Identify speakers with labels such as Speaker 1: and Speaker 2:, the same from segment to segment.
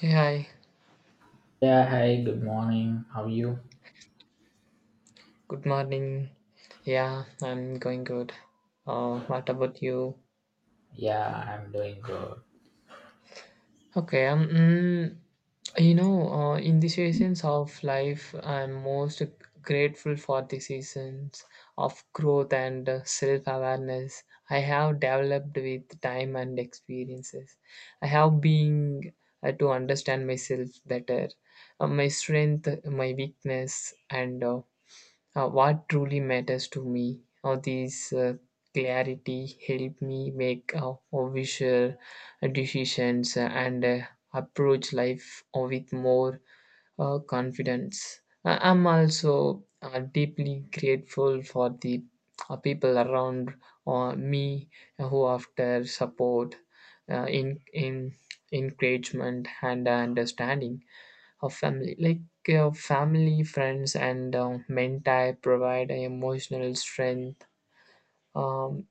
Speaker 1: Hey, hi,
Speaker 2: Yeah, hey, good morning. How are you?
Speaker 1: good morning. Yeah, I'm going good. What about you?
Speaker 2: Yeah, I'm doing good.
Speaker 1: Okay, in the seasons of life, I'm most grateful for the seasons of growth and self-awareness I have developed with time and experiences. I have been to understand myself better, my strength, my weakness, and what truly matters to me. Or these clarity help me make visual decisions and approach life with more confidence. I'm also deeply grateful for the people around me who after support, in encouragement and understanding. Of family like family friends and mentor provide emotional strength um,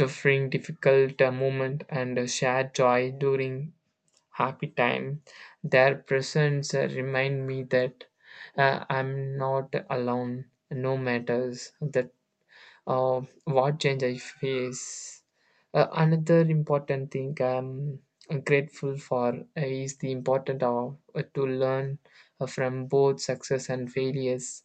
Speaker 1: during difficult moment and share joy during happy time their presence remind me that I'm not alone no matters the what change I face? Another important thing I'm grateful for is the importance of to learn from both success and failures.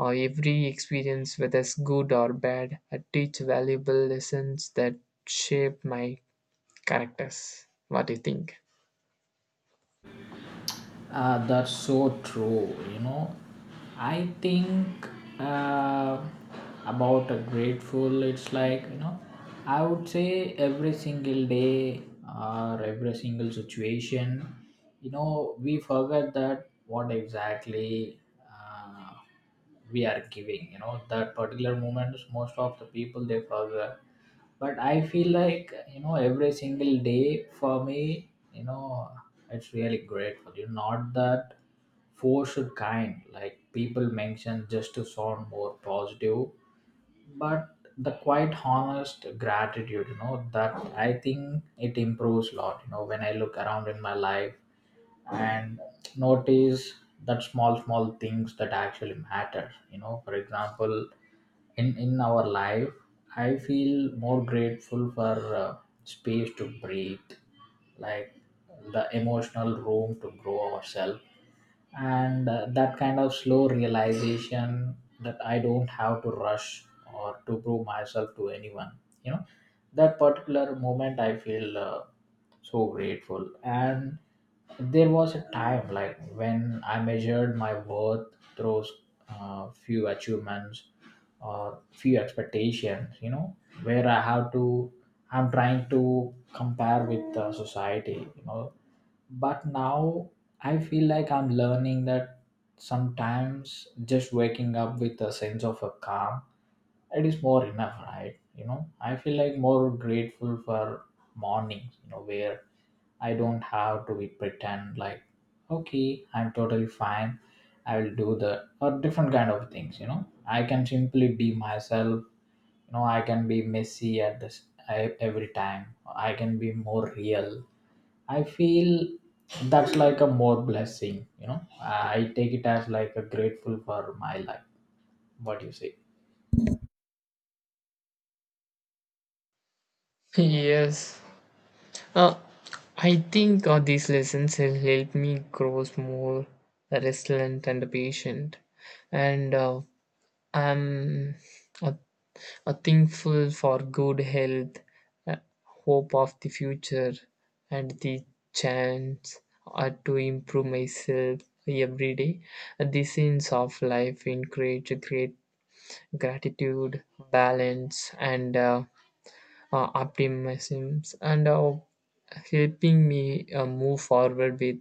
Speaker 1: Every experience, whether it's good or bad, teach valuable lessons that shape my characters. What do you think?
Speaker 2: That's so true, you know. I think uh, about a grateful, it's like, you know, I would say every single day or every single situation, you know, we forget that what exactly uh, we are giving, that particular moment. Most of the people they forget, but I feel like, every single day for me, you know it's really grateful. You are not that forced kind like people mention just to sound more positive, but the quite honest gratitude, that I think it improves a lot, when I look around in my life and notice that small things that actually matter, for example, in our life. I feel more grateful for uh, space to breathe, like the emotional room to grow ourselves, and that kind of slow realization that I don't have to rush or to prove myself to anyone, you know. That particular moment I feel, so grateful. And there was a time like when I measured my worth through few achievements or few expectations, you know, where I have to I'm trying to compare with the society, you know. But now I feel like I'm learning that sometimes just waking up with a sense of a calm, it is more enough, right? I feel like more grateful for mornings, where I don't have to be pretend like okay I'm totally fine, I will do the or different kind of things, I can simply be myself, I can be messy at this. I, every time I can be more real, I feel that's like a more blessing, I take it as like a grateful for my life. What do you say?
Speaker 1: Yes. Uh, I think these lessons have helped me grow more resilient and patient. And I'm a, a thankful for good health, uh, hope of the future, and the chance to improve myself every day. The sense of life encourage great gratitude, balance, and optimism, and helping me move forward with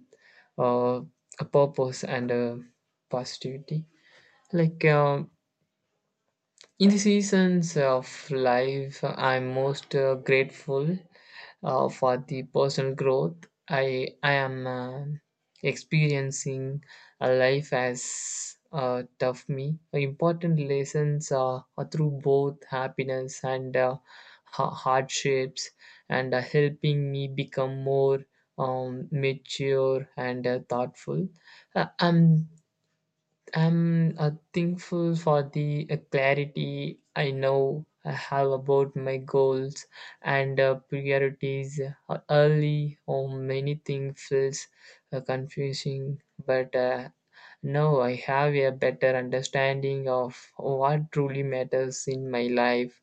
Speaker 1: uh, a purpose and positivity. Like. Uh, In the seasons of life, I'm most grateful for the personal growth I am experiencing. A life as tough me. Important lessons are through both happiness and hardships, and helping me become more mature and thoughtful. Uh, I'm I'm thankful for the clarity I know I have about my goals and priorities early on. Many things feels confusing, but now I have a better understanding of what truly matters in my life.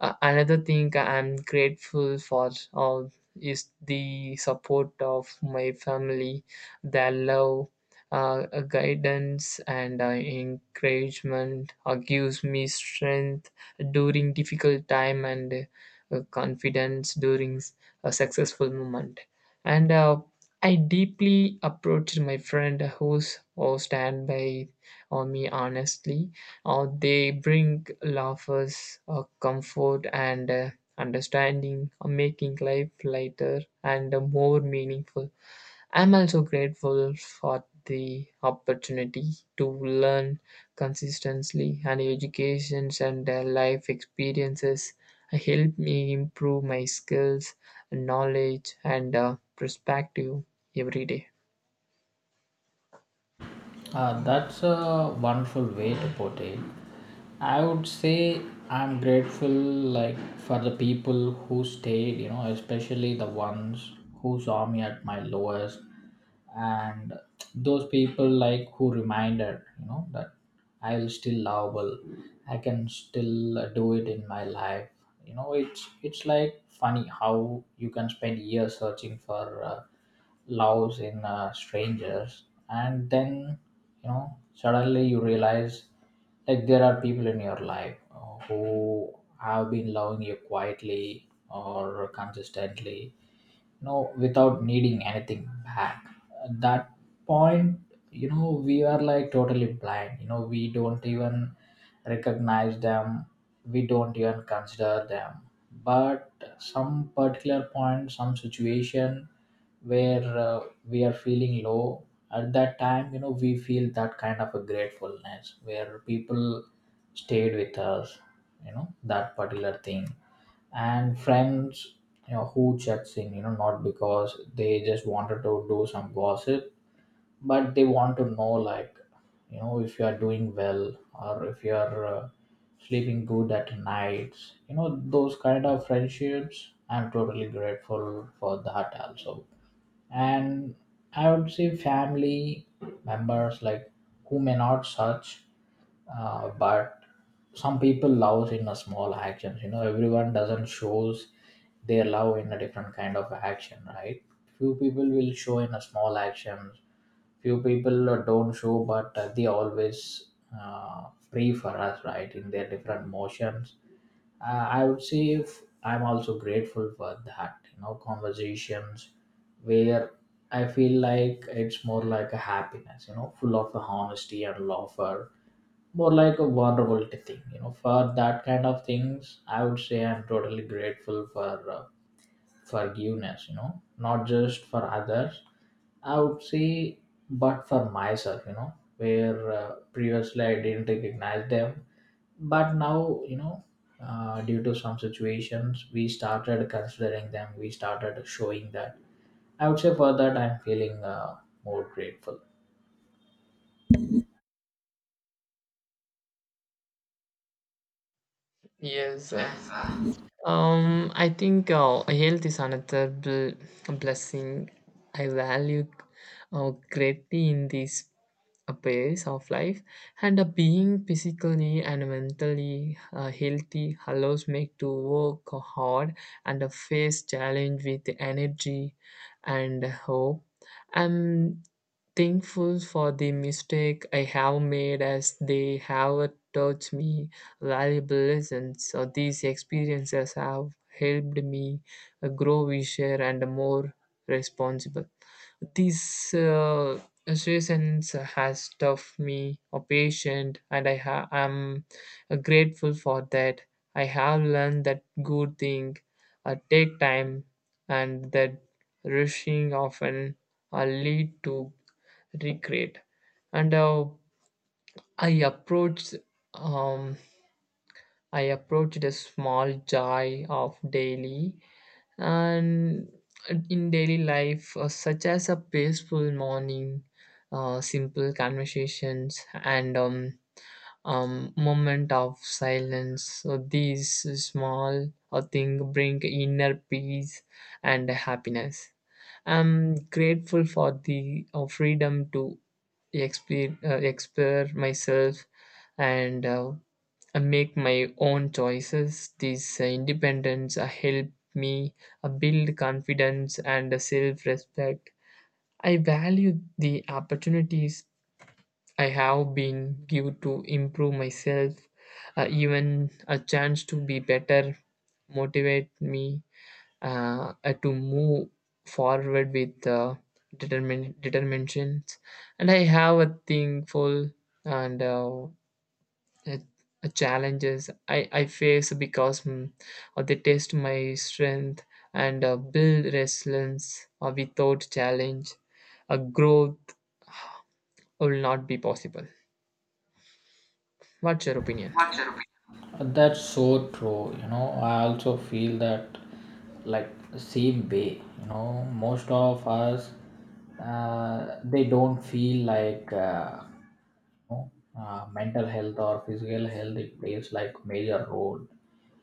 Speaker 1: Another thing I'm grateful for all is the support of my family, their love, guidance, and encouragement gives me strength during difficult time and confidence during a successful moment. And I deeply approached my friend who stand by on me honestly they bring laughs, comfort, and understanding, making life lighter and more meaningful. I'm also grateful for the opportunity to learn consistently, and educations and life experiences help me improve my skills, knowledge, and perspective every day.
Speaker 2: That's a wonderful way to put it. I would say I'm grateful like for the people who stayed, you know, especially the ones who saw me at my lowest, and those people like who reminded, you know, that I will still lovable. I can still do it in my life. You know, it's like funny how you can spend years searching for loves in strangers, and then, you know, suddenly you realize like there are people in your life who have been loving you quietly or consistently, you know, without needing anything back. At that point, you know, we are like totally blind, you know, we don't even recognize them, we don't even consider them. But some particular point, some situation where we are feeling low, at that time, you know, we feel that kind of a gratefulness where people stayed with us, you know, that particular thing. And friends, you know, who checks in, you know, not because they just wanted to do some gossip, but they want to know like, if you are doing well or if you are sleeping good at nights, you know, those kind of friendships I'm totally grateful for that also. And I would say family members like who may not search, but some people loves in a small actions, you know, everyone doesn't shows their love in a different kind of action, right? Few people will show in a small actions, few people don't show, but they always, uh, pray for us, right, in their different motions. I would say if I'm also grateful for that, you know, conversations where I feel like it's more like a happiness, you know, full of honesty and laughter, more like a wonderful thing, you know, for that kind of things I would say I'm totally grateful for forgiveness, you know, not just for others, I would say, but for myself, you know, where previously I didn't recognize them, but now, you know, due to some situations we started considering them, we started showing that. I would say for that I'm feeling, more grateful.
Speaker 1: Yes. I think health is another blessing I value greatly in this pace of life, and being physically and mentally healthy allows me to work hard and face challenge with energy and hope. I'm thankful for the mistake I have made as they have taught me valuable lessons. So these experiences have helped me grow wiser and more responsible. These sessions has taught me a patient, and I am grateful for that. I have learned that good thing take time, and that rushing often lead to regret. And I approach um, I approached a small joy of daily and in daily life, such as a peaceful morning, simple conversations, and moment of silence. So these small thing bring inner peace and happiness. I'm grateful for the freedom to explore myself and I make my own choices. This independence help me build confidence and self respect. I value the opportunities I have been given to improve myself. Even a chance to be better motivate me to move forward with determination. And I have a thankful and uh, challenges I face because they test my strength and build resilience. Without challenge, growth will not be possible. What's your opinion?
Speaker 2: That's so true, you know, I also feel that, like, same way, you know, most of us, they don't feel like, know, mental health or physical health it plays like major role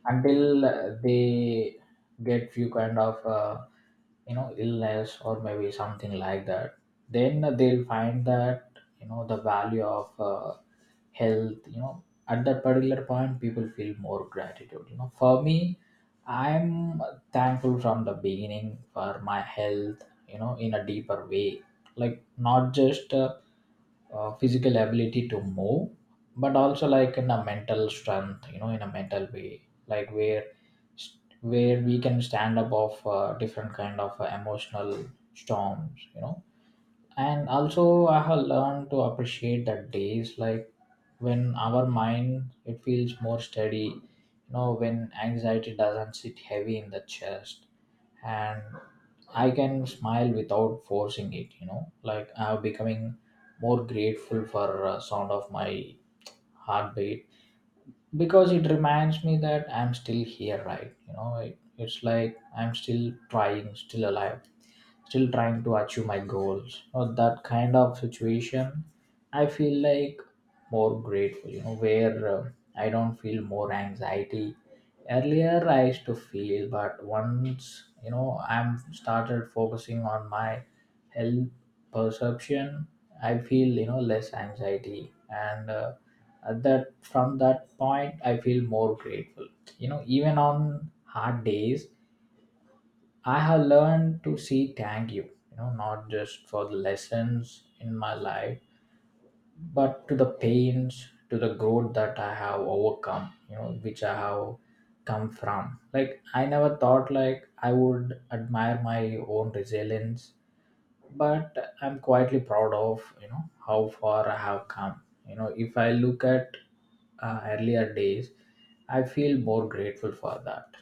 Speaker 2: until they get few kind of, you know, illness or maybe something like that. Then they'll find that, the value of health, you know. At that particular point people feel more gratitude, you know. For me, I'm thankful from the beginning for my health, you know, in a deeper way. Like not just physical ability to move, but also like in a mental strength, you know, in a mental way, like where we can stand up of different kind of emotional storms, you know. And also I have learned to appreciate the days like when our mind it feels more steady, you know, when anxiety doesn't sit heavy in the chest, and I can smile without forcing it, you know. Like I'm becoming more grateful for sound of my heartbeat, because it reminds me that I'm still here, right? You know, it's like I'm still trying, still alive, still trying to achieve my goals or that kind of situation. I feel like more grateful, you know, where I don't feel more anxiety. Earlier I used to feel, but once, you know, I'm started focusing on my health perception, I feel, you know, less anxiety, and at that from that point I feel more grateful, you know, even on hard days. I have learned to see thank you, you know, not just for the lessons in my life, but to the pains, to the growth that I have overcome, you know, which I have come from. Like I never thought like I would admire my own resilience, but I'm quietly proud of, you know, how far I have come. You know, if I look at, earlier days, I feel more grateful for that.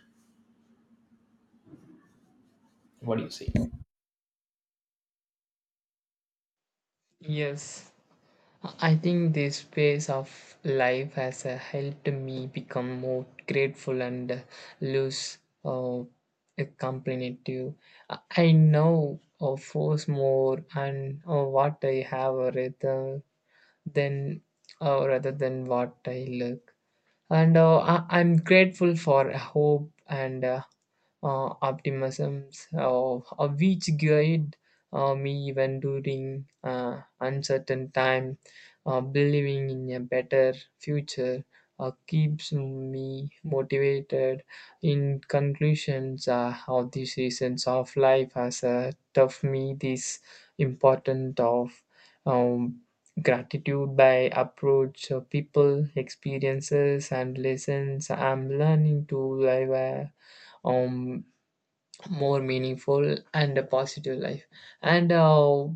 Speaker 2: What do you say?
Speaker 1: Yes, I think this phase of life has helped me become more grateful and less uh, competitive. I now force more and what I have than rather than what I look. And I'm grateful for hope and optimism, which guide me even during uncertain time. Believing in a better future keeps me motivated. In conclusions of the seasons of life, as a tough me, this important of um, gratitude by approach people experiences and lessons I'm learning to live a um, more meaningful and a positive life and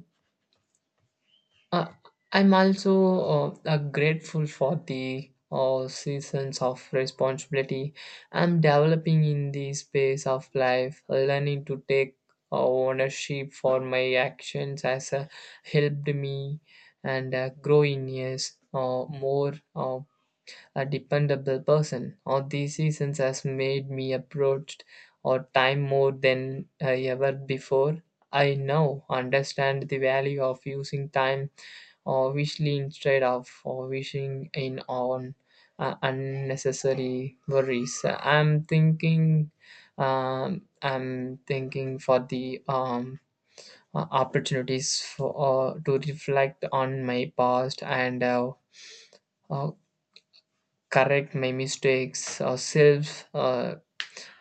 Speaker 1: uh, I'm also grateful for the seasons of responsibility I'm developing in the space of life, learning to take ownership for my actions has helped me and grow in years more a dependable person. All these seasons has made me approached or time more than ever before. I now understand the value of using time obviously instead of wishing in on unnecessary worries I'm thinking for the opportunities for to reflect on my past and uh, correct my mistakes or self uh,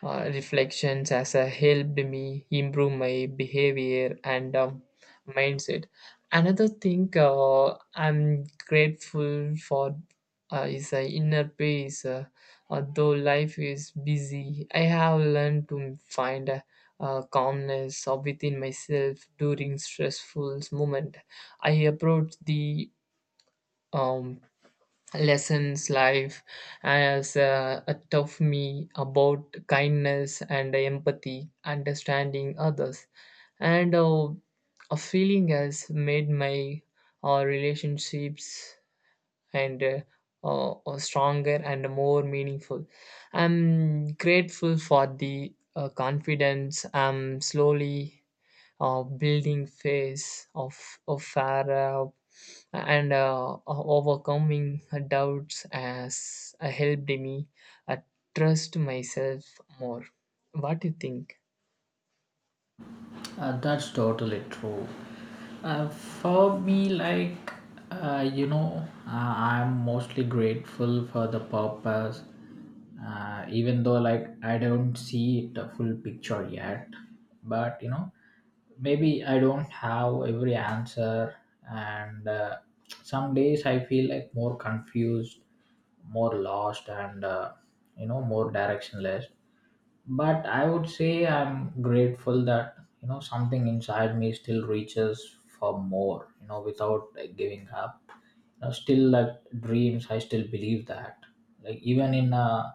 Speaker 1: uh, reflections has helped me improve my behavior and mindset. Another thing I'm grateful for is inner peace. Although life is busy, I have learned to find calmness within myself during stressful moment. I approach the um, lessons life has taught me about kindness and empathy understanding others and a feeling has made my relationships and stronger and more meaningful I'm grateful for the confidence I'm slowly building phase of Farah and overcoming doubts has helped me uh, trust myself more. What do you think?
Speaker 2: That's totally true. For me, like, you know, I'm mostly grateful for the purpose, even though, like, I don't see the full picture yet. But, you know, maybe I don't have every answer, and some days I feel like more confused, more lost, and, you know, more directionless. But I would say I'm grateful that, you know, something inside me still reaches for more, you know, without like giving up, you know. Still like dreams, I still believe that, like even in a,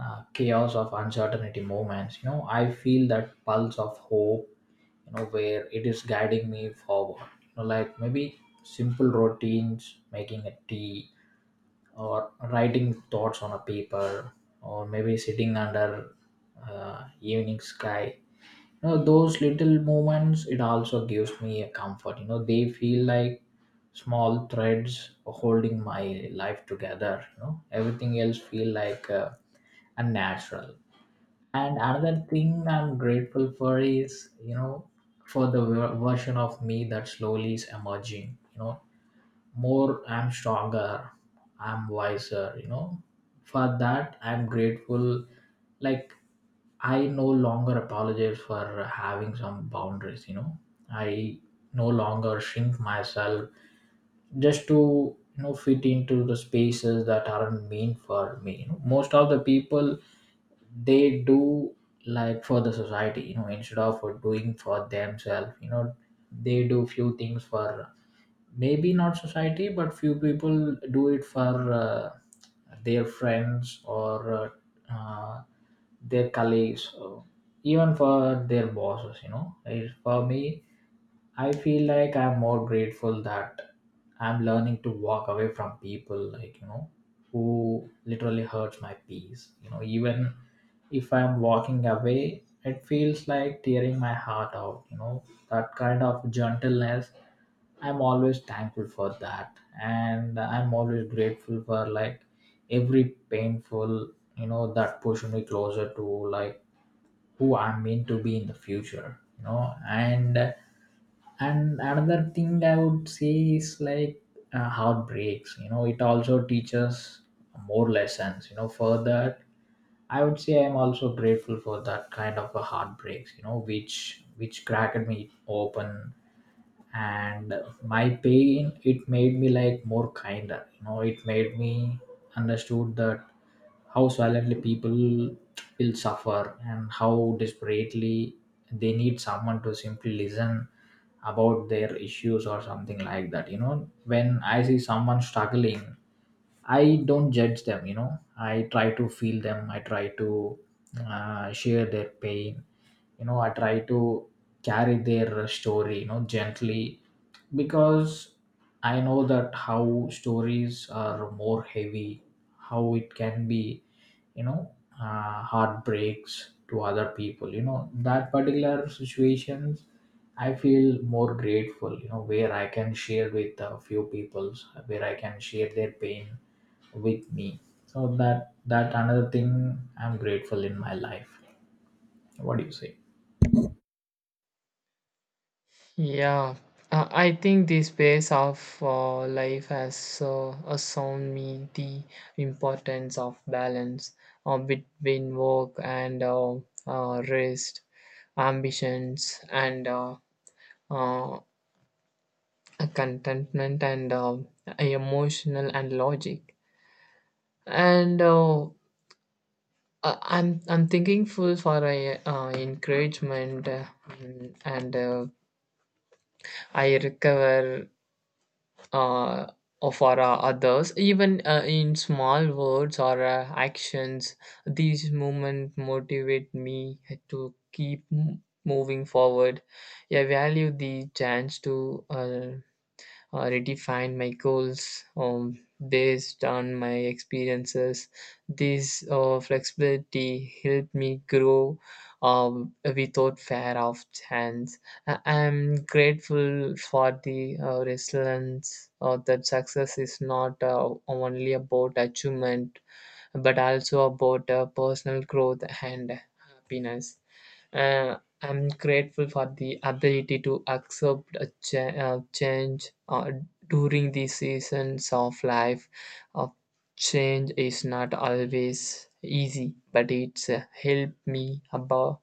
Speaker 2: chaos of uncertainty moments, you know, I feel that pulse of hope, you know, where it is guiding me forward, you know. Like maybe simple routines, making a tea, or writing thoughts on a paper, or maybe sitting under evening sky, you know, those little moments it also gives me a comfort, you know, they feel like small threads holding my life together, you know, everything else feel like, unnatural. And another thing I'm grateful for is, you know, for the version of me that slowly is emerging, you know, more I'm stronger, I'm wiser, you know, for that I'm grateful. Like, I no longer apologize for having some boundaries, you know, I no longer shrink myself just to, you know, fit into the spaces that aren't meant for me, you know. Most of the people, they do like for the society, you know, instead of doing for themselves, you know, they do few things for, maybe not society, but few people do it for their friends, or uh, uh, their colleagues, or even for their bosses, you know. Like, for me, I feel like I'm more grateful that I'm learning to walk away from people like, you know, who literally hurts my peace, you know. Even if I'm walking away, it feels like tearing my heart out, you know, that kind of gentleness. I'm always thankful for that. And I'm always grateful for like every painful, you know, that pushed me closer to like who I'm meant to be in the future, you know. And another thing I would say is like, heartbreaks, you know, it also teaches more lessons, you know, for that I would say I'm also grateful for that kind of a heartbreaks, you know, which cracked me open, and my pain it made me like more kinder, you know, it made me understood that how silently people will suffer and how desperately they need someone to simply listen about their issues or something like that, you know. When I see someone struggling, I don't judge them, you know. I try to feel them. I try to, share their pain. You know, I try to carry their story, you know, gently, because I know that how stories are more heavy, how it can be, you know, heartbreaks to other people. You know, that particular situations, I feel more grateful, you know, where I can share with a few peoples, where I can share their pain with me so that another thing I'm grateful in my life. What do you say?
Speaker 1: Yeah, I think this phase of life has shown me the importance of balance between work and rest, ambitions, and uh, contentment and emotional and logic and I'm thinking full for a encouragement mm, and I recover uh, or for others even in small words or actions these movements motivate me to keep moving forward I value the chance to uh, redefine my goals based on my experiences. This flexibility helped me grow without fear of chance. I am grateful for the resilience that success is not only about achievement but also about personal growth and happiness. Uh, I'm grateful for the ability to accept a change during the seasons of life. Uh, Change is not always easy, but it's helped me above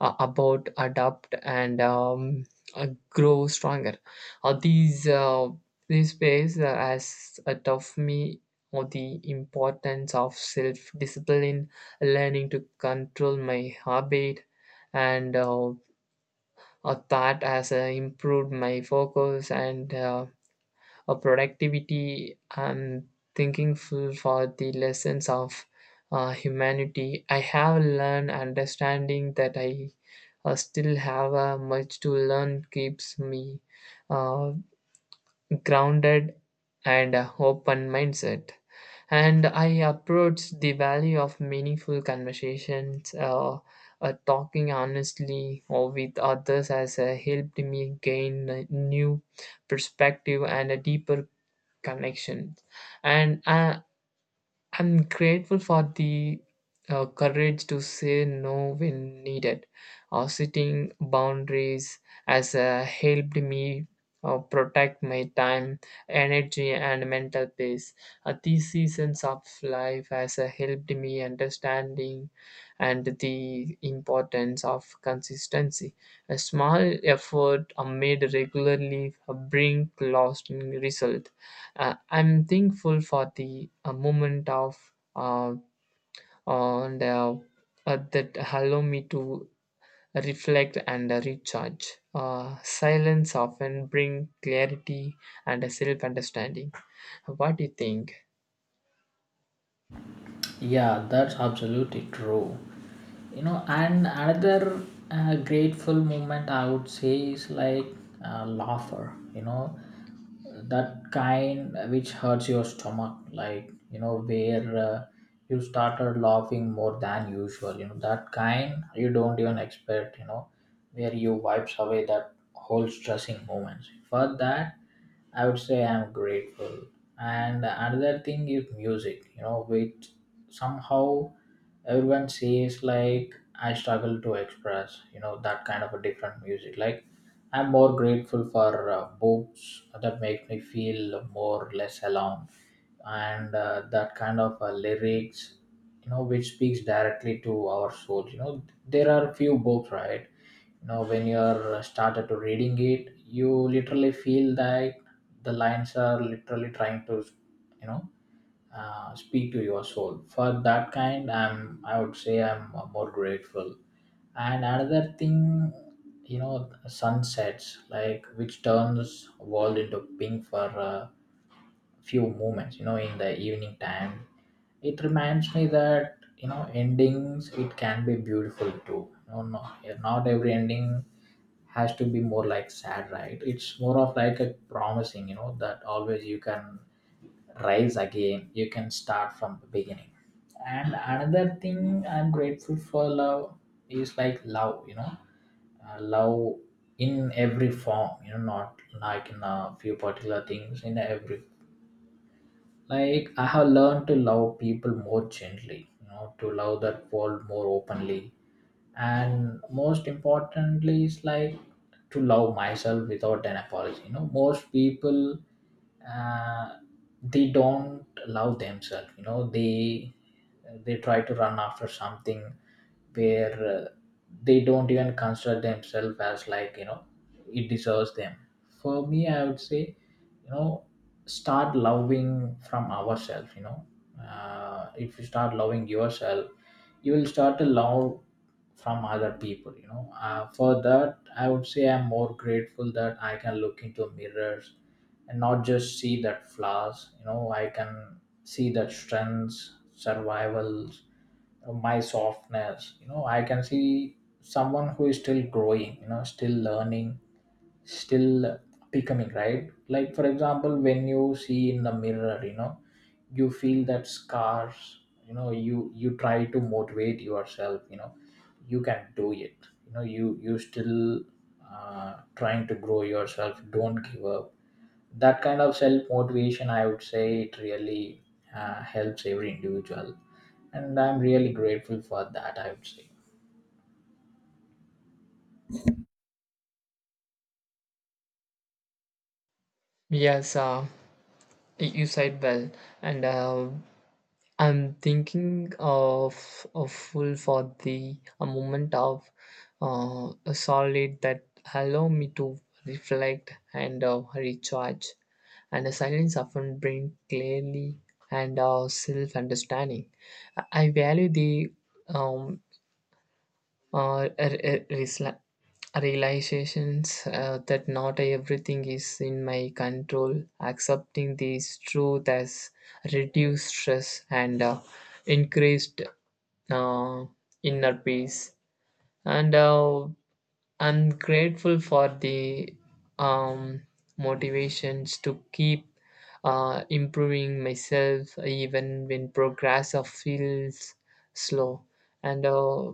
Speaker 1: about, adapt, and grow stronger. Uh, these uh, these ways as a tough me or the importance of self discipline, learning to control my habit, and that has improved my focus and of productivity and thinking full for the lessons of humanity. I have learned understanding that I still have much to learn keeps me uh, grounded and open mindset. And I approach the value of meaningful conversations, talking honestly or with others has helped me gain a new perspective and a deeper connection and I'm grateful for the courage to say no when needed or setting boundaries has helped me protect my time energy and mental peace these seasons of life has helped me understanding and the importance of consistency a small effort made regularly bring lasting result I'm thankful for the moment of and that allow me to reflect and recharge. Silence often bring clarity and a self-understanding. What do you think?
Speaker 2: Yeah, that's absolutely true. You know, and another grateful moment I would say is like laughter, you know, that kind which hurts your stomach, like, you know, where you started laughing more than usual, you know, that kind you don't even expect, you know, where you wipes away that whole stressing moments. For that, I would say I'm grateful. And another thing is music, you know, which somehow everyone says like I struggle to express, you know, that kind of a different music. Like I'm more grateful for books that make me feel more less alone, and that kind of lyrics, you know, which speaks directly to our souls. You know, there are few books, right? Now, when you're started to reading it, you literally feel that the lines are literally trying to, you know, speak to your soul. For that kind, I would say I'm more grateful. And another thing, you know, sunsets like which turns world into pink for. Uh, Few moments, you know, in the evening time, it reminds me that, you know, endings it can be beautiful too. No, no, not every ending has to be more like sad, right? It's more of like a promising, you know, that always you can rise again, you can start from the beginning. And another thing I'm grateful for love is like love, you know, love in every form, you know, not like in a few particular things, in every, like I have learned to love people more gently, you know, to love that world more openly, and most importantly is like to love myself without an apology. You know, most people, uh, they don't love themselves, you know, they try to run after something where they don't even consider themselves as like, you know, it deserves them. For me I would say, you know, start loving from ourselves. You know, if you start loving yourself, you will start to love from other people. You know, for that I would say I'm more grateful that I can look into mirrors and not just see that flaws. You know, I can see that strengths, survivals, my softness. You know, I can see someone who is still growing, you know, still learning, still becoming, right? Like for example, when you see in the mirror, you know, you feel that scars. You know, you try to motivate yourself. You know, you can do it. You know, you still trying to grow yourself, don't give up. That kind of self motivation I would say it really helps every individual, and I'm really grateful for that I would say.
Speaker 1: Yes, you said well, and I'm thinking of a full for the a moment of a solid that allow me to reflect and recharge, and a silence often bring clarity and self-understanding. I value the um, uh, re- re- realizations that not everything is in my control. Accepting this truth has reduced stress and increased uh, inner peace. And I'm grateful for the um, motivations to keep improving myself even when progress of feels slow and uh,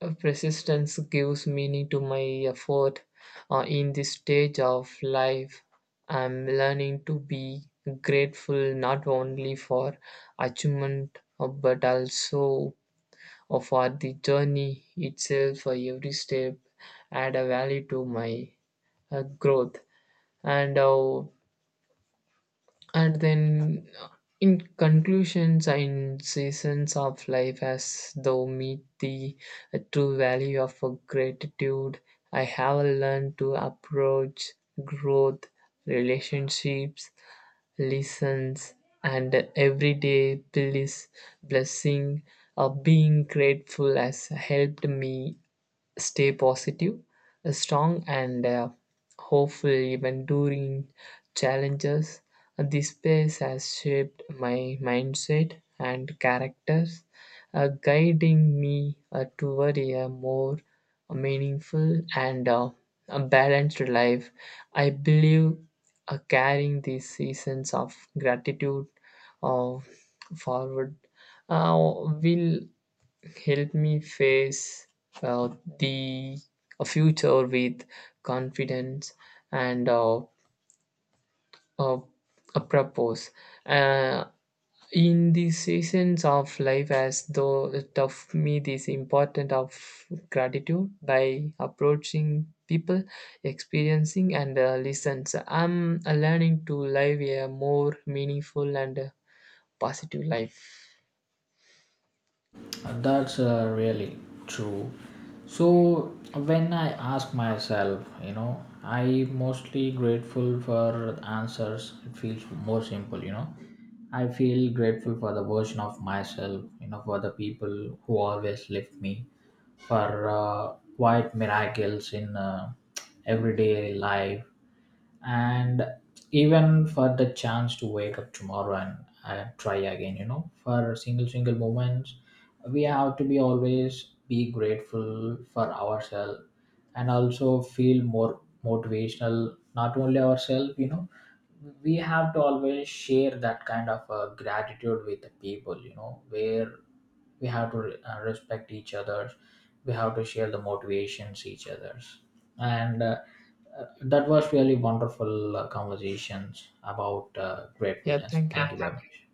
Speaker 1: uh, Persistence gives meaning to my effort. In this stage of life, I'm learning to be grateful not only for achievement but also for the journey itself. For every step, add a value to my growth, and uh, and then, in conclusions in seasons of life, as though meet the true value of a gratitude, I have learned to approach growth, relationships, lessons, and everyday bliss, blessing. Of being grateful has helped me stay positive, strong, and hopeful even during challenges. This space has shaped my mindset and characters, guiding me toward a more meaningful and a balanced life. I believe carrying these seasons of gratitude uh, forward uh, will Help me face uh, the a future with confidence and uh, a purpose. Uh, in the seasons of life, as though it taught me this important of gratitude by approaching people, experiencing and listens. I'm learning to live a more meaningful and positive life.
Speaker 2: That's really true. So when I ask myself, you know, I mostly grateful for answers, it feels more simple. You know, I feel grateful for the version of myself, you know, for the people who always lift me, for quiet miracles in everyday life, and even for the chance to wake up tomorrow and try again. You know, for single single moments we have to be always be grateful for ourselves, and also feel more motivational not only ourselves. You know, we have to always share that kind of gratitude with the people, you know, where we have to respect each other, we have to share the motivations each others, and that was really wonderful conversations about
Speaker 1: Yeah,
Speaker 2: gratefulness.
Speaker 1: thank you.
Speaker 2: Thank you very much.